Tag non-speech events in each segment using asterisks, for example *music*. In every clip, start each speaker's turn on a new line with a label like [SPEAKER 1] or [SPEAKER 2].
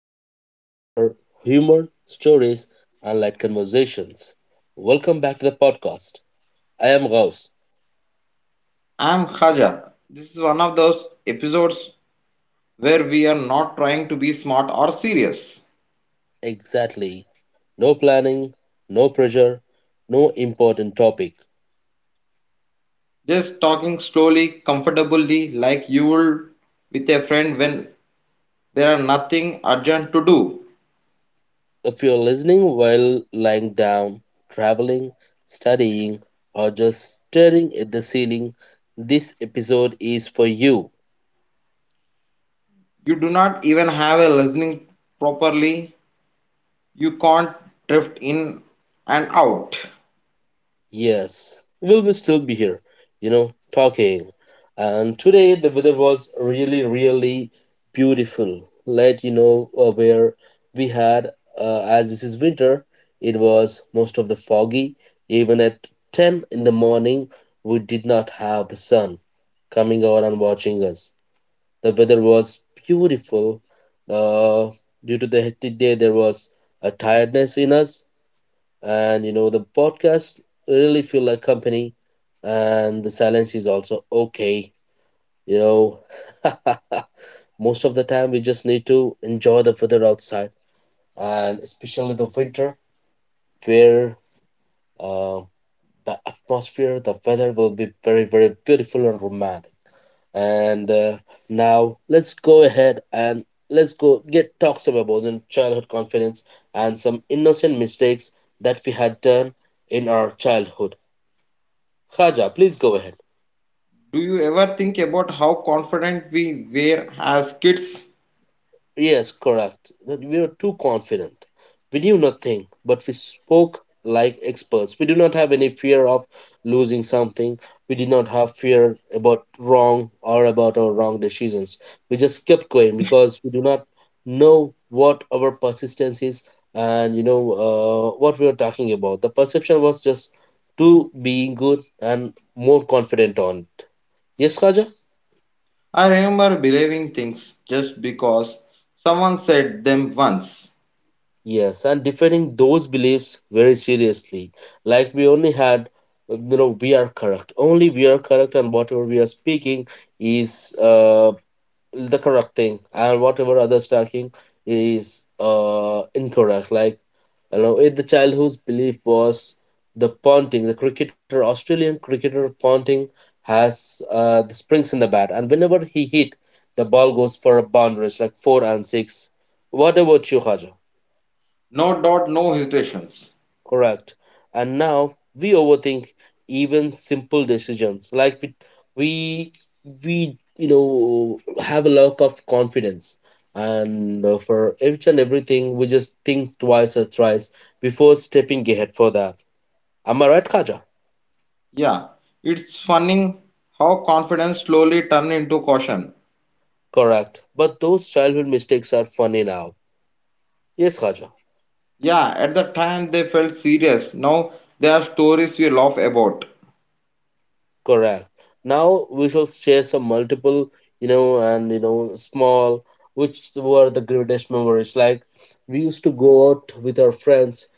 [SPEAKER 1] This is the podcast for humor, stories, and light conversations. Welcome back to the podcast. I am Gauss.
[SPEAKER 2] I'm Khaja. This is one of those episodes where we are not trying to be smart or serious.
[SPEAKER 1] Exactly. No planning, no pressure, no important topic.
[SPEAKER 2] Just talking slowly, comfortably, like you would with a friend when there are nothing urgent to do.
[SPEAKER 1] If you're listening while lying down, traveling, studying, or just staring at the ceiling, this episode is for you.
[SPEAKER 2] You do not even have a listening properly. You can't drift in and out.
[SPEAKER 1] Yes, we will still be here, talking. And today the weather was really, really beautiful. Let you know where we had, as this is winter, it was most of the foggy. Even at 10 in the morning, we did not have the sun coming out and watching us. The weather was beautiful. Uh, Due to the hectic day, there was a tiredness in us, and the podcasts really feel like company, and the silence is also okay you know *laughs* Most of the time we just need to enjoy the weather outside, and especially the winter where uh, the atmosphere the weather will be very very beautiful and romantic. And now let's go ahead and let's go get talks about the childhood confidence and some innocent mistakes that we had done in our childhood. Khaja, please go ahead.
[SPEAKER 2] Do you ever think about how confident we were as kids?
[SPEAKER 1] Yes, correct. That we were too confident. We knew nothing, but we spoke like experts. We do not have any fear of losing something. We did not have fear about wrong or about our wrong decisions. We just kept going because we do not know what our persistence is, and what we were talking about, the perception was just to being good and more confident on. Yes, Khaja?
[SPEAKER 2] I remember believing things just because someone said them once.
[SPEAKER 1] Yes, and defending those beliefs very seriously. Like we only had, we are correct. Only we are correct, and whatever we are speaking is the correct thing, and whatever others talking is incorrect. Like, if the child whose belief was the Ponting, the cricketer, Australian cricketer Ponting, has the springs in the bat, and whenever he hit, the ball goes for a boundaries like four and six. What about you, Haja?
[SPEAKER 2] No doubt, no hesitations.
[SPEAKER 1] Correct. And now we overthink even simple decisions. Like we, we have a lack of confidence. And for each and everything, we just think twice or thrice before stepping ahead for that. Am I right, Kaja?
[SPEAKER 2] Yeah, it's funny how confidence slowly turned into caution.
[SPEAKER 1] Correct. But those childhood mistakes are funny now. Yes, Kaja.
[SPEAKER 2] Yeah, at the time they felt serious. Now there are stories we laugh about.
[SPEAKER 1] Correct. Now we shall share some multiple, and small, which were the greatest memories. Like we used to go out with our friends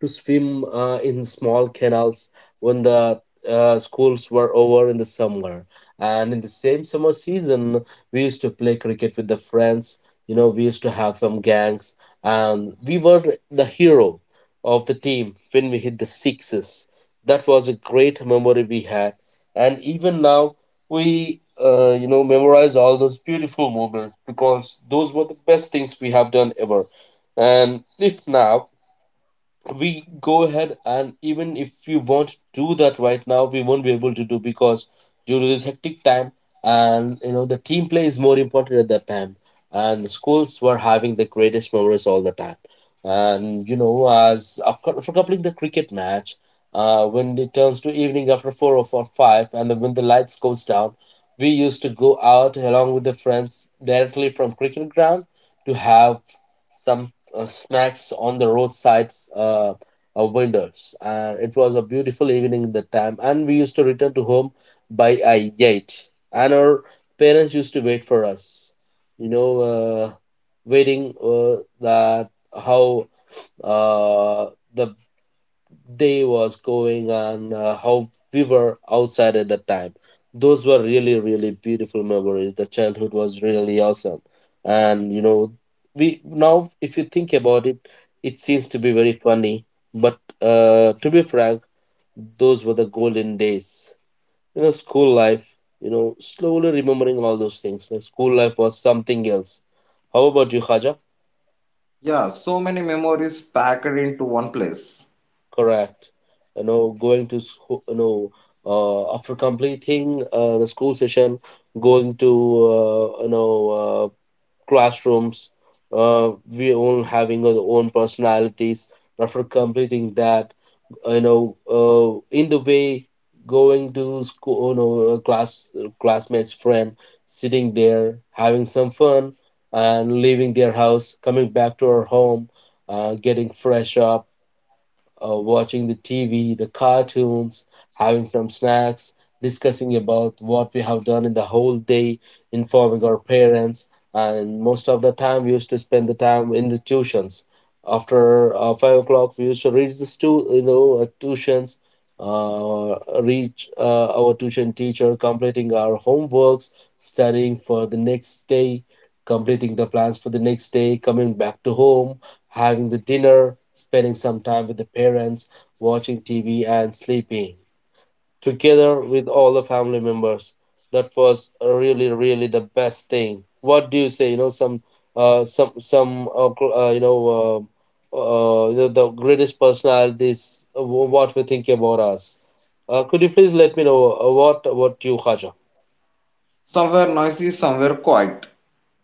[SPEAKER 1] to swim in small canals when the schools were over in the summer. And in the same summer season, we used to play cricket with the friends. We used to have some gangs, and we were the hero of the team when we hit the sixes. That was a great memory we had, and even now we memorize all those beautiful moments, because those were the best things we have done ever. And if now we go ahead, and even if you want to do that right now, we won't be able to do, because due to this hectic time, and the team play is more important at that time. And the schools were having the greatest memories all the time and as after coupling the cricket match, when it turns to evening after four or four, five, and then when the lights goes down, we used to go out along with the friends directly from cricket ground to have some snacks on the roadsides vendors. And it was a beautiful evening at that time, and we used to return to home by 8. And our parents used to wait for us, you know uh, waiting that how uh, the day was going on, how we were outside at that time. Those were really, really beautiful memories. The childhood was really awesome. And we now, if you think about it, it seems to be very funny. But to be frank, those were the golden days. School life, slowly remembering all those things. Like school life was something else. How about you, Khaja?
[SPEAKER 2] Yeah, so many memories packed into one place.
[SPEAKER 1] Correct. Going to school, after completing the school session, going to uh, you know uh, classrooms, we all having our own personalities. After completing that, in the way going to school, classmates friend, sitting there having some fun, and leaving their house, coming back to our home, getting fresh up, watching the TV, the cartoons, having some snacks, discussing about what we have done in the whole day, informing our parents, and most of the time we used to spend the time in the tuitions. After 5 o'clock, we used to reach the tuitions, reach our tuition teacher, completing our homeworks, studying for the next day, completing the plans for the next day, coming back to home, having the dinner, spending some time with the parents, watching TV, and sleeping together with all the family members. That was really, really the best thing. What do you say? Uh, some, some, uh, cl- uh, you know, uh, the greatest personalities. What we think about us. Could you please let me know what you, Khaja?
[SPEAKER 2] Somewhere noisy, somewhere quiet.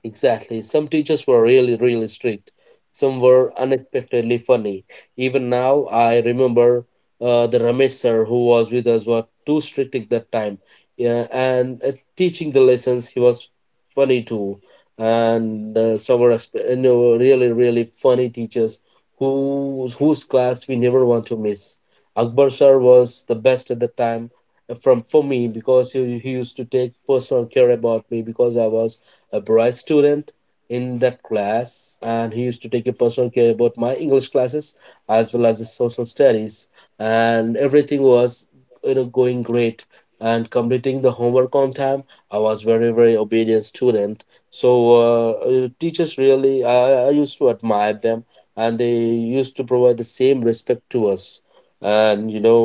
[SPEAKER 1] Exactly. Some teachers were really, really strict. Some were unexpectedly funny. Even now, I remember the Ramesh sir who was with us were too strict at that time. Yeah, and teaching the lessons, he was funny too. And some were really, really funny teachers whose class we never want to miss. Akbar sir was the best at the time from for me, because he used to take personal care about me, because I was a bright student in that class, and he used to take a personal care about my English classes as well as the social studies. And everything was going great, and completing the homework on time, I was very very obedient student. So teachers really I used to admire them, and they used to provide the same respect to us. And you know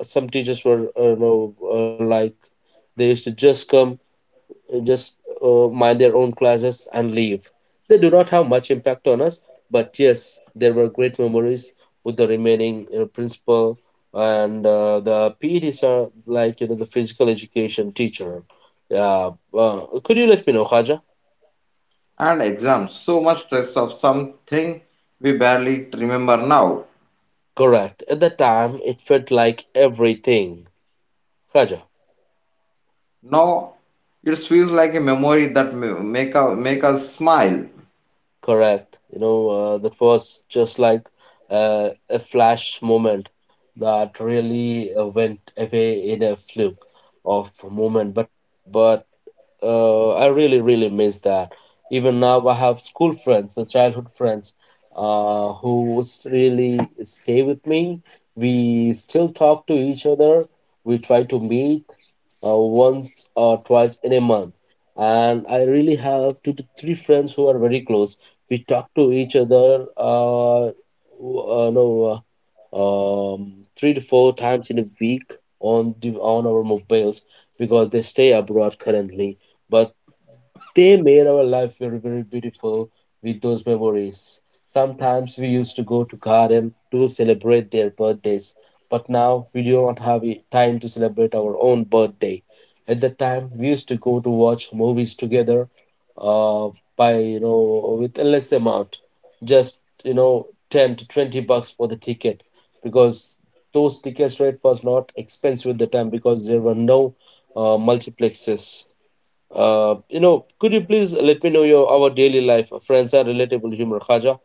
[SPEAKER 1] uh, some teachers were like they used to just come, just mind their own classes and leave. They do not have much impact on us, but yes, there were great memories with the remaining principal, and the PEDs are like the physical education teacher. Yeah, could you let me know, Khaja?
[SPEAKER 2] And exams, so much stress of something we barely remember now.
[SPEAKER 1] Correct. At the time, it felt like everything. Khaja.
[SPEAKER 2] Now it feels like a memory that make us smile.
[SPEAKER 1] Correct. That was just like a flash moment that really went away in a fluke of moment. But I really, really miss that. Even now, I have school friends, the childhood friends, who really stay with me. We still talk to each other. We try to meet once or twice in a month. And I really have two to three friends who are very close. We talk to each other, w- no, uh, um, three to four times in a week on our mobiles, because they stay abroad currently, but they made our life very very beautiful with those memories. Sometimes we used to go to garden to celebrate their birthdays, but now we do not have time to celebrate our own birthday. At that time we used to go to watch movies together, uh, by with a less amount, just 10 to 20 bucks for the ticket, because those tickets rate was not expensive at the time, because there were no multiplexes. Could you please let me know your our daily life, friends are relatable humor, Khaja?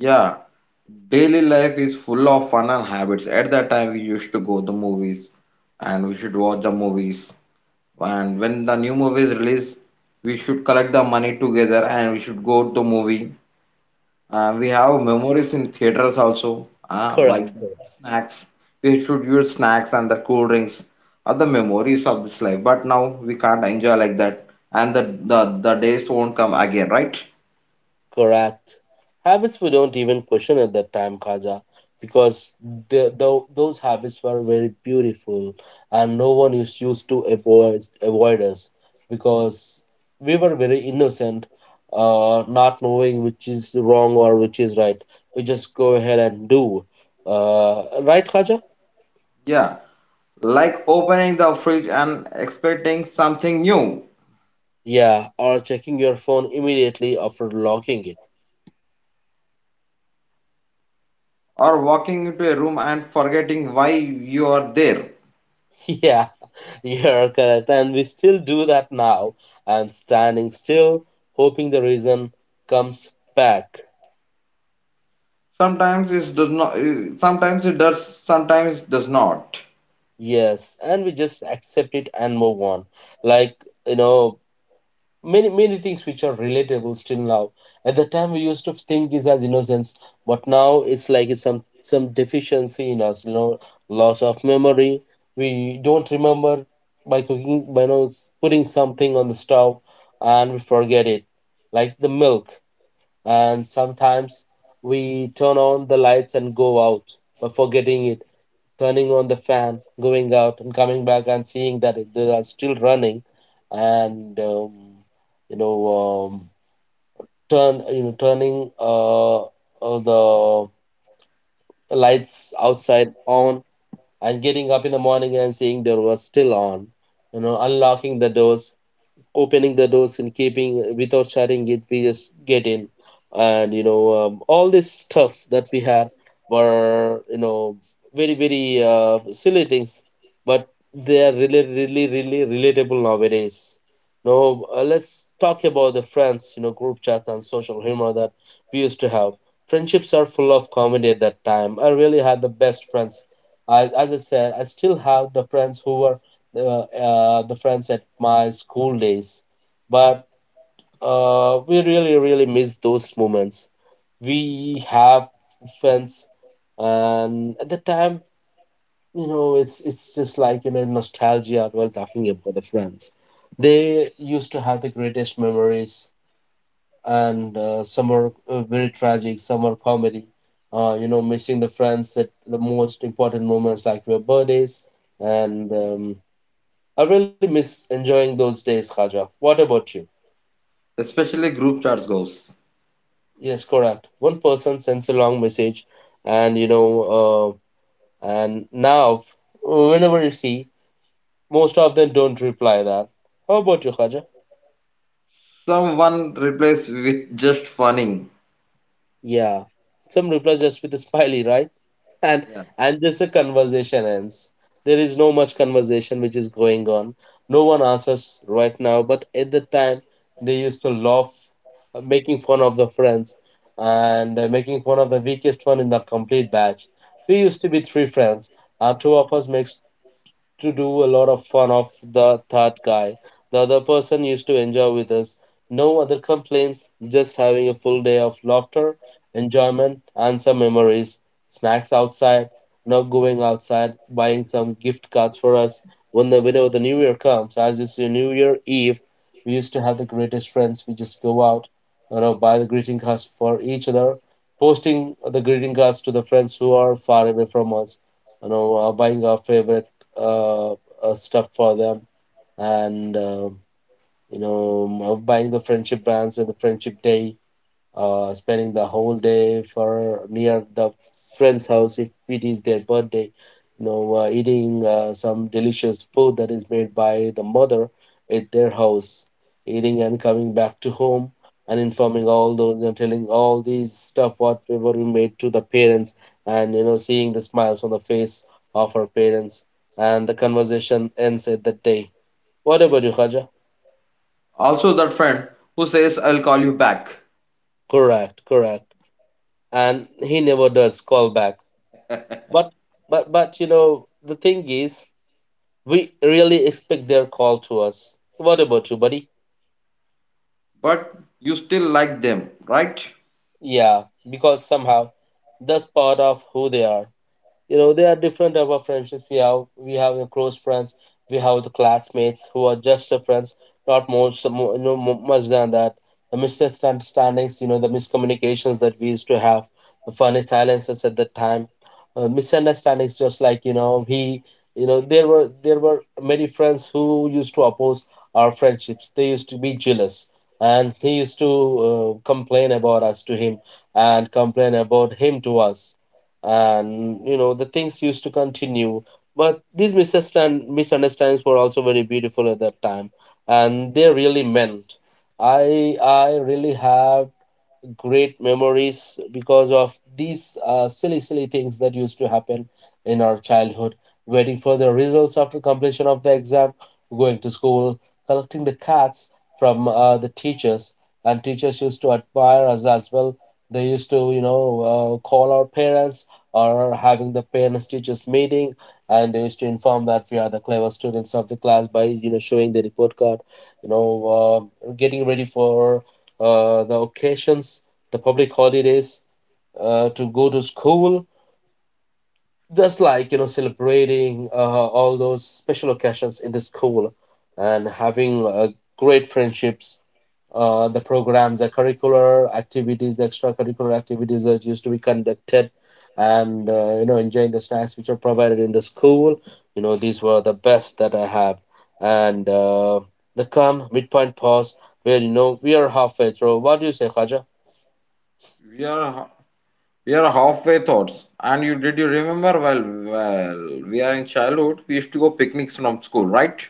[SPEAKER 2] Yeah, daily life is full of fun and habits. At that time, we used to go to movies and we should watch the movies. And when the new movie is released, we should collect the money together and we should go to movie. We have memories in theaters also,
[SPEAKER 1] Correct.
[SPEAKER 2] like
[SPEAKER 1] Correct.
[SPEAKER 2] snacks. We should use snacks and the cool drinks are the memories of this life. But now we can't enjoy like that, and the days won't come again, right?
[SPEAKER 1] Correct. Habits we don't even question at that time, Khaja, because those habits were very beautiful, and no one is used to avoid us, because we were very innocent, not knowing which is wrong or which is right. We just go ahead and do. Right, Khaja?
[SPEAKER 2] Yeah, like opening the fridge and expecting something new,
[SPEAKER 1] Yeah, or checking your phone immediately after locking it.
[SPEAKER 2] or walking into a room and forgetting why you are there.
[SPEAKER 1] *laughs* Yeah, you're correct. And we still do that now. I'm standing still, hoping the reason comes back.
[SPEAKER 2] Sometimes it does not, sometimes it does not,
[SPEAKER 1] Yes, and we just accept it and move on. Like, you know, many things which are relatable still now. At the time we used to think is as innocence, but now it's like it's some deficiency in us. Loss of memory. We don't remember by cooking by putting something on the stove, and we forget it, like the milk. And sometimes we turn on the lights and go out, but forgetting it turning on the fan, going out and coming back and seeing that they are still running. And you know, um, turning the lights outside on, and getting up in the morning and seeing there was still on. Unlocking the doors, opening the doors, and keeping without shutting it, we just get in. And All this stuff that we had were very very silly things, but they are really really really relatable nowadays. Now let's talk about the friends, group chat and social humor that we used to have. Friendships are full of comedy. At that time I really had the best friends. As I said, I still have the friends who were the friends at my school days. But we really really miss those moments. We have friends, and at the time, it's just like nostalgia while talking about the friends. They used to have the greatest memories, and some are very tragic, some are comedy. Missing the friends at the most important moments, like your birthdays. And I really miss enjoying those days, Khaja. What about you?
[SPEAKER 2] especially group chats goes.
[SPEAKER 1] Yes, correct. One person sends a long message, and and now, whenever you see, most of them don't reply that. How about you, Khaja?
[SPEAKER 2] Someone replaces with just funny.
[SPEAKER 1] Yeah. Some reply just with a smiley, right? And
[SPEAKER 2] Yeah.
[SPEAKER 1] just a conversation ends. There is no much conversation which is going on. No one answers right now, but at the time they used to laugh, making fun of the friends, and making fun of the weakest one in the complete batch. We used to be three friends. Two of us makes to do a lot of fun of the third guy. The other person used to enjoy with us. No other complaints, just having a full day of laughter, enjoyment, and some memories. Snacks outside, now going outside, buying some gift cards for us. Whenever the New Year comes, as it's a New Year Eve, we used to have the greatest friends. We just go out, buy the greeting cards for each other, posting the greeting cards to the friends who are far away from us. Buying our favorite stuff for them, and buying the friendship brands and the friendship day, spending the whole day for near the friend's house if it is their birthday, eating some delicious food that is made by the mother at their house, eating and coming back to home, and informing all those, telling all these stuff whatever we made to the parents, and seeing the smiles on the face of our parents, and the conversation ends at that day. What about you, Khaja?
[SPEAKER 2] Also, that friend who says, I'll call you back,
[SPEAKER 1] Correct, correct. And he never does call back. But but the thing is, we really expect their call to us. What about you, buddy?
[SPEAKER 2] but you still like them, right?
[SPEAKER 1] Yeah, because somehow that's part of who they are. There are different type of friendships we have We have the close friends, we have the classmates who are just the friends, not more so more, no mo- much than that. The misunderstandings, the miscommunications that we used to have, the funny silences at that time, misunderstandings just like he there were many friends who used to oppose our friendships. They used to be jealous, and he used to complain about us to him, and complain about him to us, and the things used to continue. But these misunderstandings were also very beautiful at that time, and they really meant. I really have great memories because of these silly, silly things that used to happen in our childhood. Waiting for the results after completion of the exam, going to school, collecting the cats from the teachers, and teachers used to admire us as well. They used to, call our parents or having the parents teachers meeting, and they used to inform that we are the clever students of the class by, showing the report card. Getting ready for the occasions, the public holidays, to go to school, just like celebrating all those special occasions in the school and having great friendships. The programs, the curricular activities, the extracurricular activities that used to be conducted, and enjoying the snacks which are provided in the school. You know these were the best that I have, and the come midpoint pause where we are halfway through. What do you say, Khaja?
[SPEAKER 2] Yeah, we are halfway thoughts. And you did you remember? Well, we are in childhood. We used to go picnics from school, right?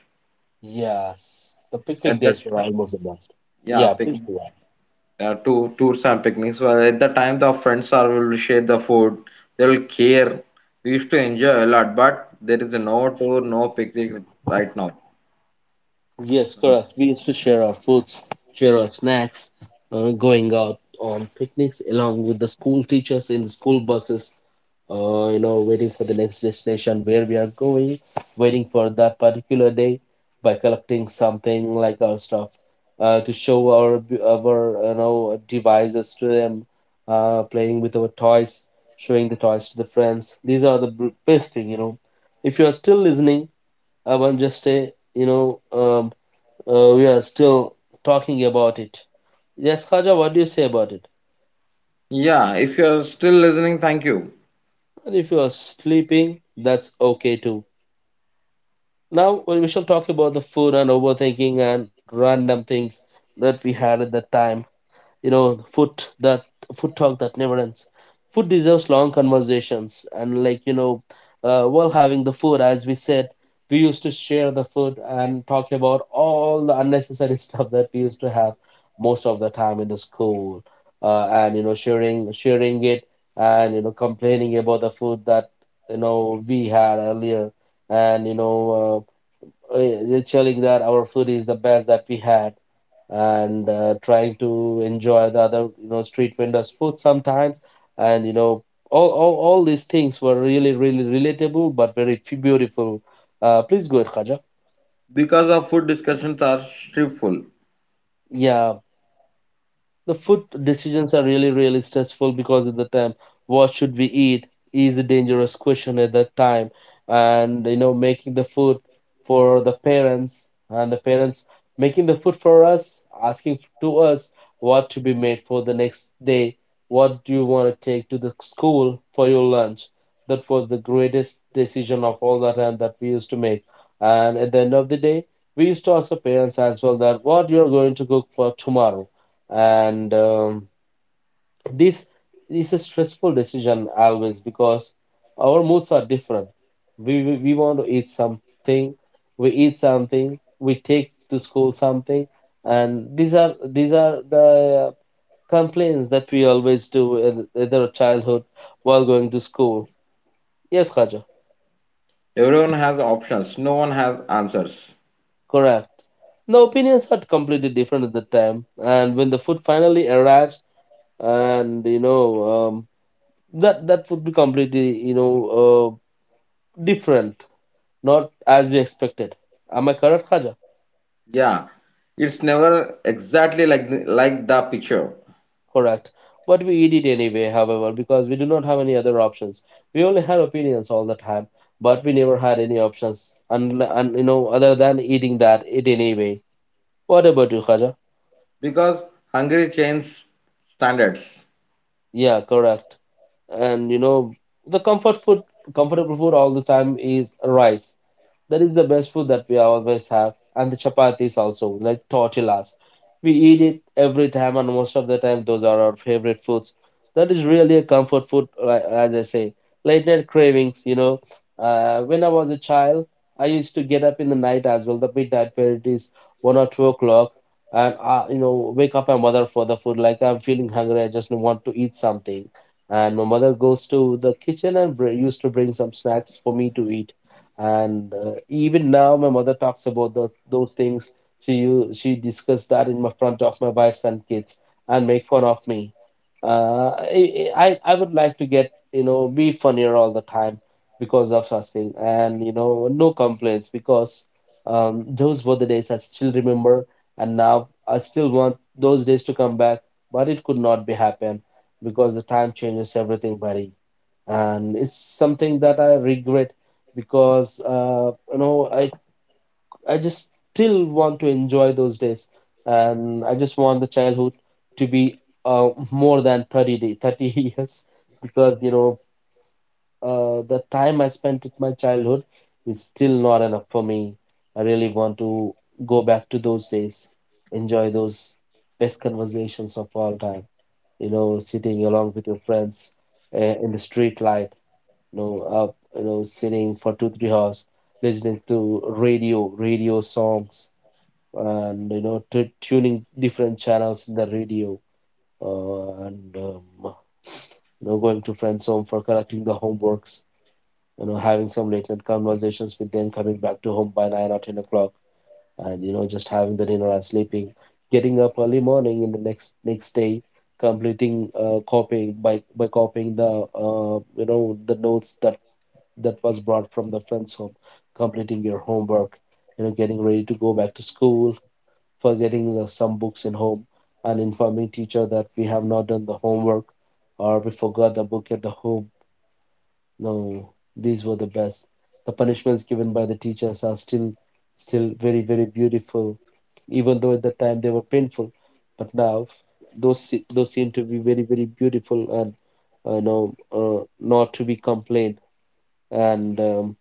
[SPEAKER 1] Yes, the picnic
[SPEAKER 2] At that,
[SPEAKER 1] days were
[SPEAKER 2] time-
[SPEAKER 1] almost a must.
[SPEAKER 2] yeah,
[SPEAKER 1] Yeah, please
[SPEAKER 2] picnic,
[SPEAKER 1] do.
[SPEAKER 2] yeah, two tours and picnics. Well, at the time, the friends are will share the food. They will care. We used to enjoy a lot, but there is no tour, no picnic right now.
[SPEAKER 1] It. Yes, correct. We used to share our foods, share our snacks, going out on picnics along with the school teachers in the school buses. Waiting for the next destination where we are going, waiting for that particular day by collecting something like our stuff to show our devices to them, playing with our toys, showing the toys to the friends. These are the best thing. If you are still listening, I want just say, we are still talking about it. Yes, Khaja, what do you say about it?
[SPEAKER 2] Yeah, if you are still listening, thank you.
[SPEAKER 1] And if you are sleeping, that's okay too. Now we shall talk about the food and overthinking and random things that we had at that time. You know, food that Food talk that never ends. Food deserves long conversations, and like, while having the food, as we said, we used to share the food and talk about all the unnecessary *laughs* stuff that we used to have most of the time in the school, and sharing it, and complaining about the food that we had earlier and you know. Uh, Telling that our food is the best that we had, and trying to enjoy the other street vendors food sometimes, and all these things were really really relatable but very beautiful. Please go ahead, Khaja.
[SPEAKER 2] Because our food discussions are stifle.
[SPEAKER 1] Yeah. The food decisions are really, really stressful because of the time. What should we eat is a dangerous question at that time. And, making the food for the parents, and the parents making the food for us, asking to us what to be made for the next day, what do you want to take to the school for your lunch. That was the greatest decision of all the time that we used to make. And at the end of the day, we used to ask the parents as well that what you're going to cook for tomorrow. And This is a stressful decision always because our moods are different. We want to eat something, we eat something, we take to school something, and these are the complaints that we always do in our childhood while going to school. Yes, Khaja,
[SPEAKER 2] Everyone has options. No one has answers.
[SPEAKER 1] correct. The opinions are completely different at the time, and when the food finally arrives and um, that would be completely, uh, different, not as we expected. Am I correct, Khaja?
[SPEAKER 2] Yeah, it's never exactly like like the picture
[SPEAKER 1] Correct. But we eat it anyway however, because we do not have any other options. We only had opinions all the time, but we never had any options, and other than eating that it anyway. What about you, Khaja?
[SPEAKER 2] because Hungary changed standards.
[SPEAKER 1] Yeah, correct. And the comfortable food all the time is rice. That is the best food that we always have. And the chapatis also, like tortillas. We eat it every time, and most of the time, those are our favorite foods. That is really a comfort food, as I say. Late night cravings. When I was a child, I used to get up in the night as well, the midnight where it is 1 or 2 o'clock, and wake up my mother for the food. Like I'm feeling hungry, I just want to eat something. And my mother goes to the kitchen and used to bring some snacks for me to eat, and even now my mother talks about those things. She she discussed that in my front of my wives and kids and make fun of me. I would like to get be funnier all the time because of such thing. And you know, no complaints because those were the days I still remember. And now I still want those days to come back, but it could not be happen because the time changes everything, buddy. And it's something that I regret because you know, I just still want to enjoy those days, and I just want the childhood to be more than 30 *laughs* years, because you know, the time I spent with my childhood is still not enough for me. I really want to go back to those days, enjoy those best conversations of all time. You know, sitting along with your friends in the street light, you know, up, you know, sitting for two, 3 hours, listening to radio, radio songs, and you know, tuning different channels in the radio, and you know, going to friends' home for correcting the homeworks, you know, having some late night conversations with them, coming back to home by 9 or 10 o'clock, and you know, just having the dinner and sleeping, getting up early morning in the next day. Completing copying by copying the you know, the notes that was brought from the friend's home, completing your homework, you know, getting ready to go back to school, forgetting the, some books in home, and informing teacher that we have not done the homework or we forgot the book at the home. No, these were the best. The punishments given by the teachers are still very, very beautiful, even though at the time they were painful. But now those seem to be very, very beautiful and you know, not to be complained, and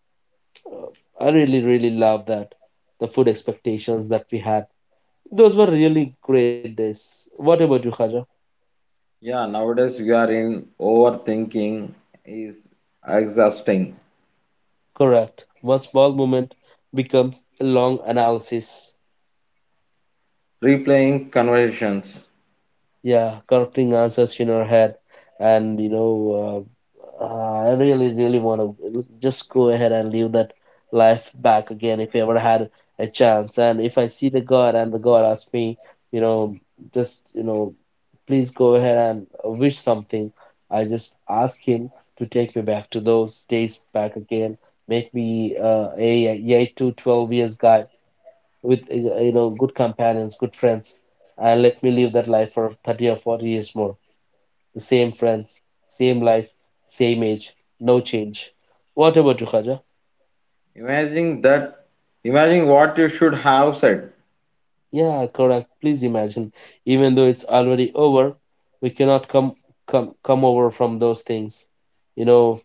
[SPEAKER 1] uh, I really, really love that. The food expectations that we had. Those were really great days. What about you, Khaja?
[SPEAKER 2] Yeah, nowadays we are in overthinking is exhausting.
[SPEAKER 1] Correct. One small moment becomes a long analysis.
[SPEAKER 2] Replaying conversations.
[SPEAKER 1] Yeah, correcting answers in her head, and you know, I really, really want to just go ahead and live that life back again if I ever had a chance. And if I see the God and the God asks me, you know, just you know, please go ahead and wish something, I just ask Him to take me back to those days back again, make me a 8 to 12 years guy with you know, good companions, good friends, and let me live that life for 30 or 40 years more. The same friends, same life, same age, no change. What about you, Khaja?
[SPEAKER 2] Imagine that. Imagine what you should have said.
[SPEAKER 1] Yeah, correct. Please imagine, even though it's already over, we cannot come over from those things. You know,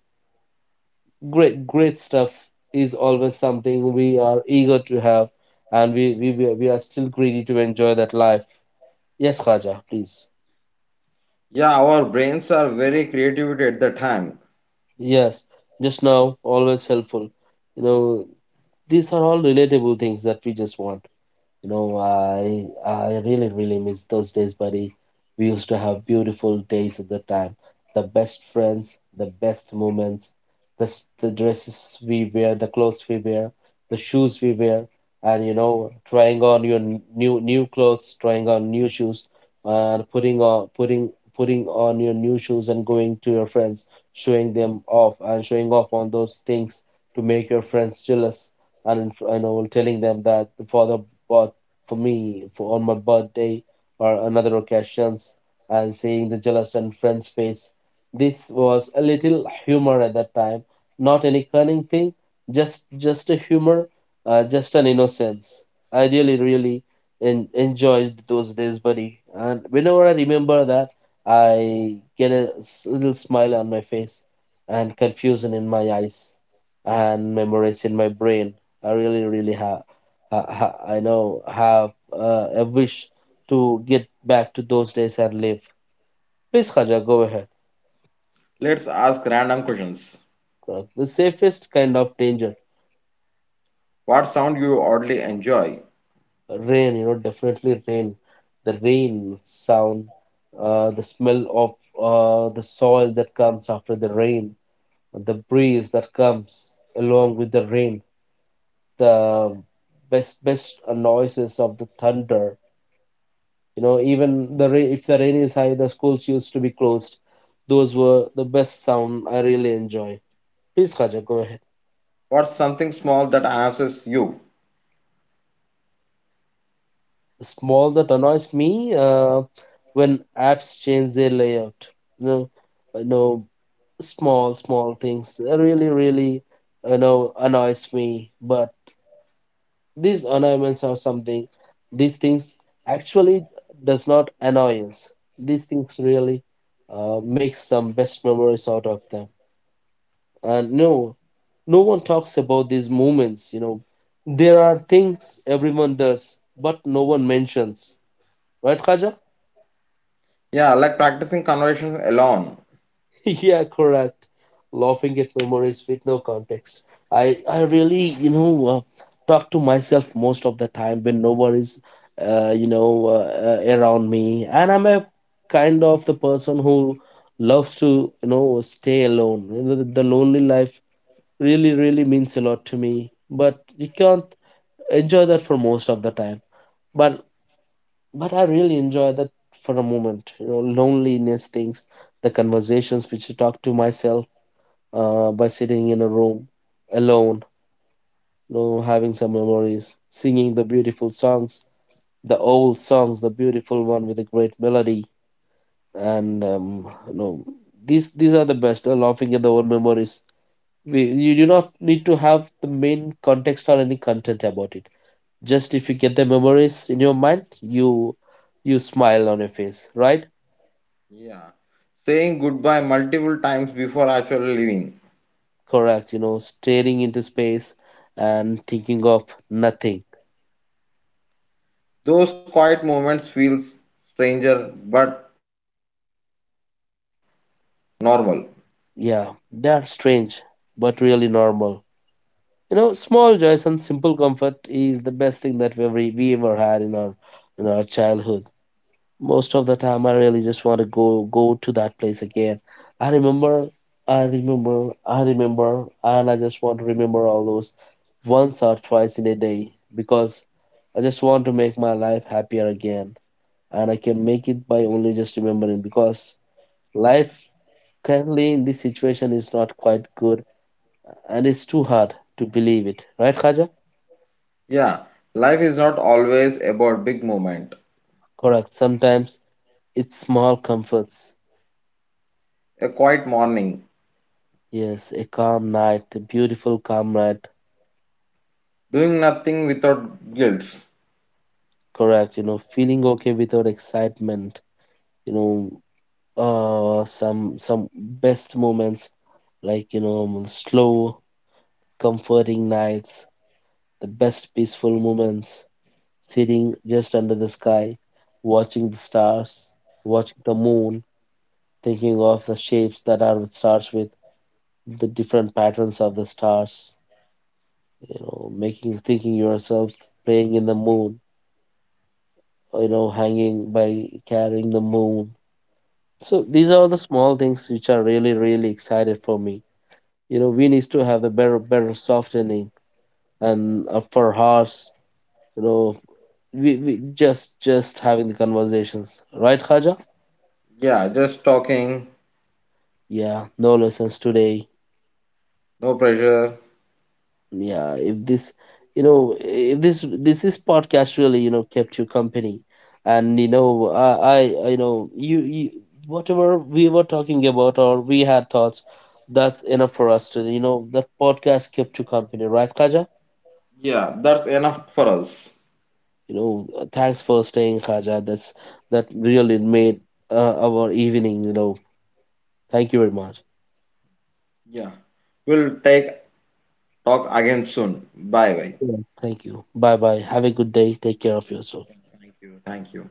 [SPEAKER 1] great stuff is always something we are eager to have, and we are still greedy to enjoy that life. Yes, Khaja, please.
[SPEAKER 2] Yeah, our brains are very creative at the time.
[SPEAKER 1] Yes, just now, always helpful. You know, these are all relatable things that we just want. You know, I really really miss those days, buddy. We used to have beautiful days at the time. The best friends, the best moments, the dresses we wear, the clothes we wear, the shoes we wear, and you know, trying on your new clothes, trying on new shoes, and putting on your new shoes and going to your friends, showing them off and showing off on those things to make your friends jealous, and you know, telling them that the father bought for me for on my birthday or another occasions, and seeing the jealous and friend's face. This was a little humor at that time, not any cunning thing, just a humor, just an innocence. I really really enjoyed those days, buddy. And whenever I remember that, I get a little smile on my face and confusion in my eyes and memories in my brain. I really really have I know have a wish to get back to those days and live. Please, Khaja, go ahead.
[SPEAKER 2] Let's ask random questions.
[SPEAKER 1] The safest kind of danger,
[SPEAKER 2] What sound you oddly enjoy?
[SPEAKER 1] rain. You know, definitely rain. The rain sound, the smell of the soil that comes after the rain, the breeze that comes along with the rain, the best noises of the thunder. You know, even the rain, if the rain is high, the schools used to be closed. Those were the best sound I really enjoy. Please, Khaja, go ahead.
[SPEAKER 2] What's something small that answers you?
[SPEAKER 1] The small that annoys me when apps change their layout. You know, you know, small, small things really, really, you know, annoys me. But these annoyance are something, these things actually does not annoy us. These things really make some best memories out of them. And no, no one talks about these moments, you know, there are things everyone does but no one mentions, right, Khaja?
[SPEAKER 2] Yeah, like practicing conversations alone.
[SPEAKER 1] *laughs* Yeah, correct. Laughing at memories with no context. I really, you know, talk to myself most of the time when no one is around me, and I'm a kind of the person who loves to, you know, stay alone. You know, the lonely life really really means a lot to me, but you can't enjoy that for most of the time, but but I really enjoy that for a moment, you know, loneliness things, the conversations which you talk to myself by sitting in a room alone, you know, having some memories, singing the beautiful songs, the old songs, the beautiful one with a great melody. And you know, these are the best, laughing at the old memories. We, you do not need to have the main context or any content about it. Just if you get the memories in your mind, you smile on your face, right?
[SPEAKER 2] Yeah, saying goodbye multiple times before actually leaving.
[SPEAKER 1] Correct. You know, staring into space and thinking of nothing.
[SPEAKER 2] Those quiet moments feels stranger but normal.
[SPEAKER 1] Yeah, they are strange but really normal. You know, small joys and simple comfort is the best thing that we ever had in our childhood. Most of the time I really just want to go to that place again. I remember, I remember I remember, and I just want to remember all those once or twice in a day, because I just want to make my life happier again. And I can make it by only just remembering, because life, currently in this situation, is not quite good, and it's too hard to believe it, right, Khaja?
[SPEAKER 2] Yeah, life is not always about big moment.
[SPEAKER 1] Correct. Sometimes it's small comforts.
[SPEAKER 2] A quiet morning,
[SPEAKER 1] Yes, a calm night, a beautiful calm night.
[SPEAKER 2] doing nothing without guilt.
[SPEAKER 1] Correct, you know, feeling okay without excitement, you know, some best moments like, you know, slow, comforting nights, the best peaceful moments, sitting just under the sky, watching the stars, watching the moon, thinking of the shapes that are with stars, with the different patterns of the stars, you know, making thinking yourself playing in the moon, you know, hanging by carrying the moon. So these are the small things which are really, really excited for me. You know, we needs to have a better, better softening and for hearts. You know, we just having the conversations, right, Khaja?
[SPEAKER 2] Yeah, just talking,
[SPEAKER 1] Yeah, no lessons today.
[SPEAKER 2] no pressure.
[SPEAKER 1] Yeah, if this, you know, if this is podcast really, you know, kept you company, and you know, you know, you whatever we were talking about or we had thoughts, that's enough for us to, you know, that podcast kept you company, right, Khaja?
[SPEAKER 2] Yeah, that's enough for us.
[SPEAKER 1] You know, thanks for staying, Khaja. That really made our evening, you know. Thank you very much.
[SPEAKER 2] Yeah, we'll take talk again soon. Bye bye.
[SPEAKER 1] Yeah, thank you. Bye bye, have a good day, take care of yourself.
[SPEAKER 2] Thank you.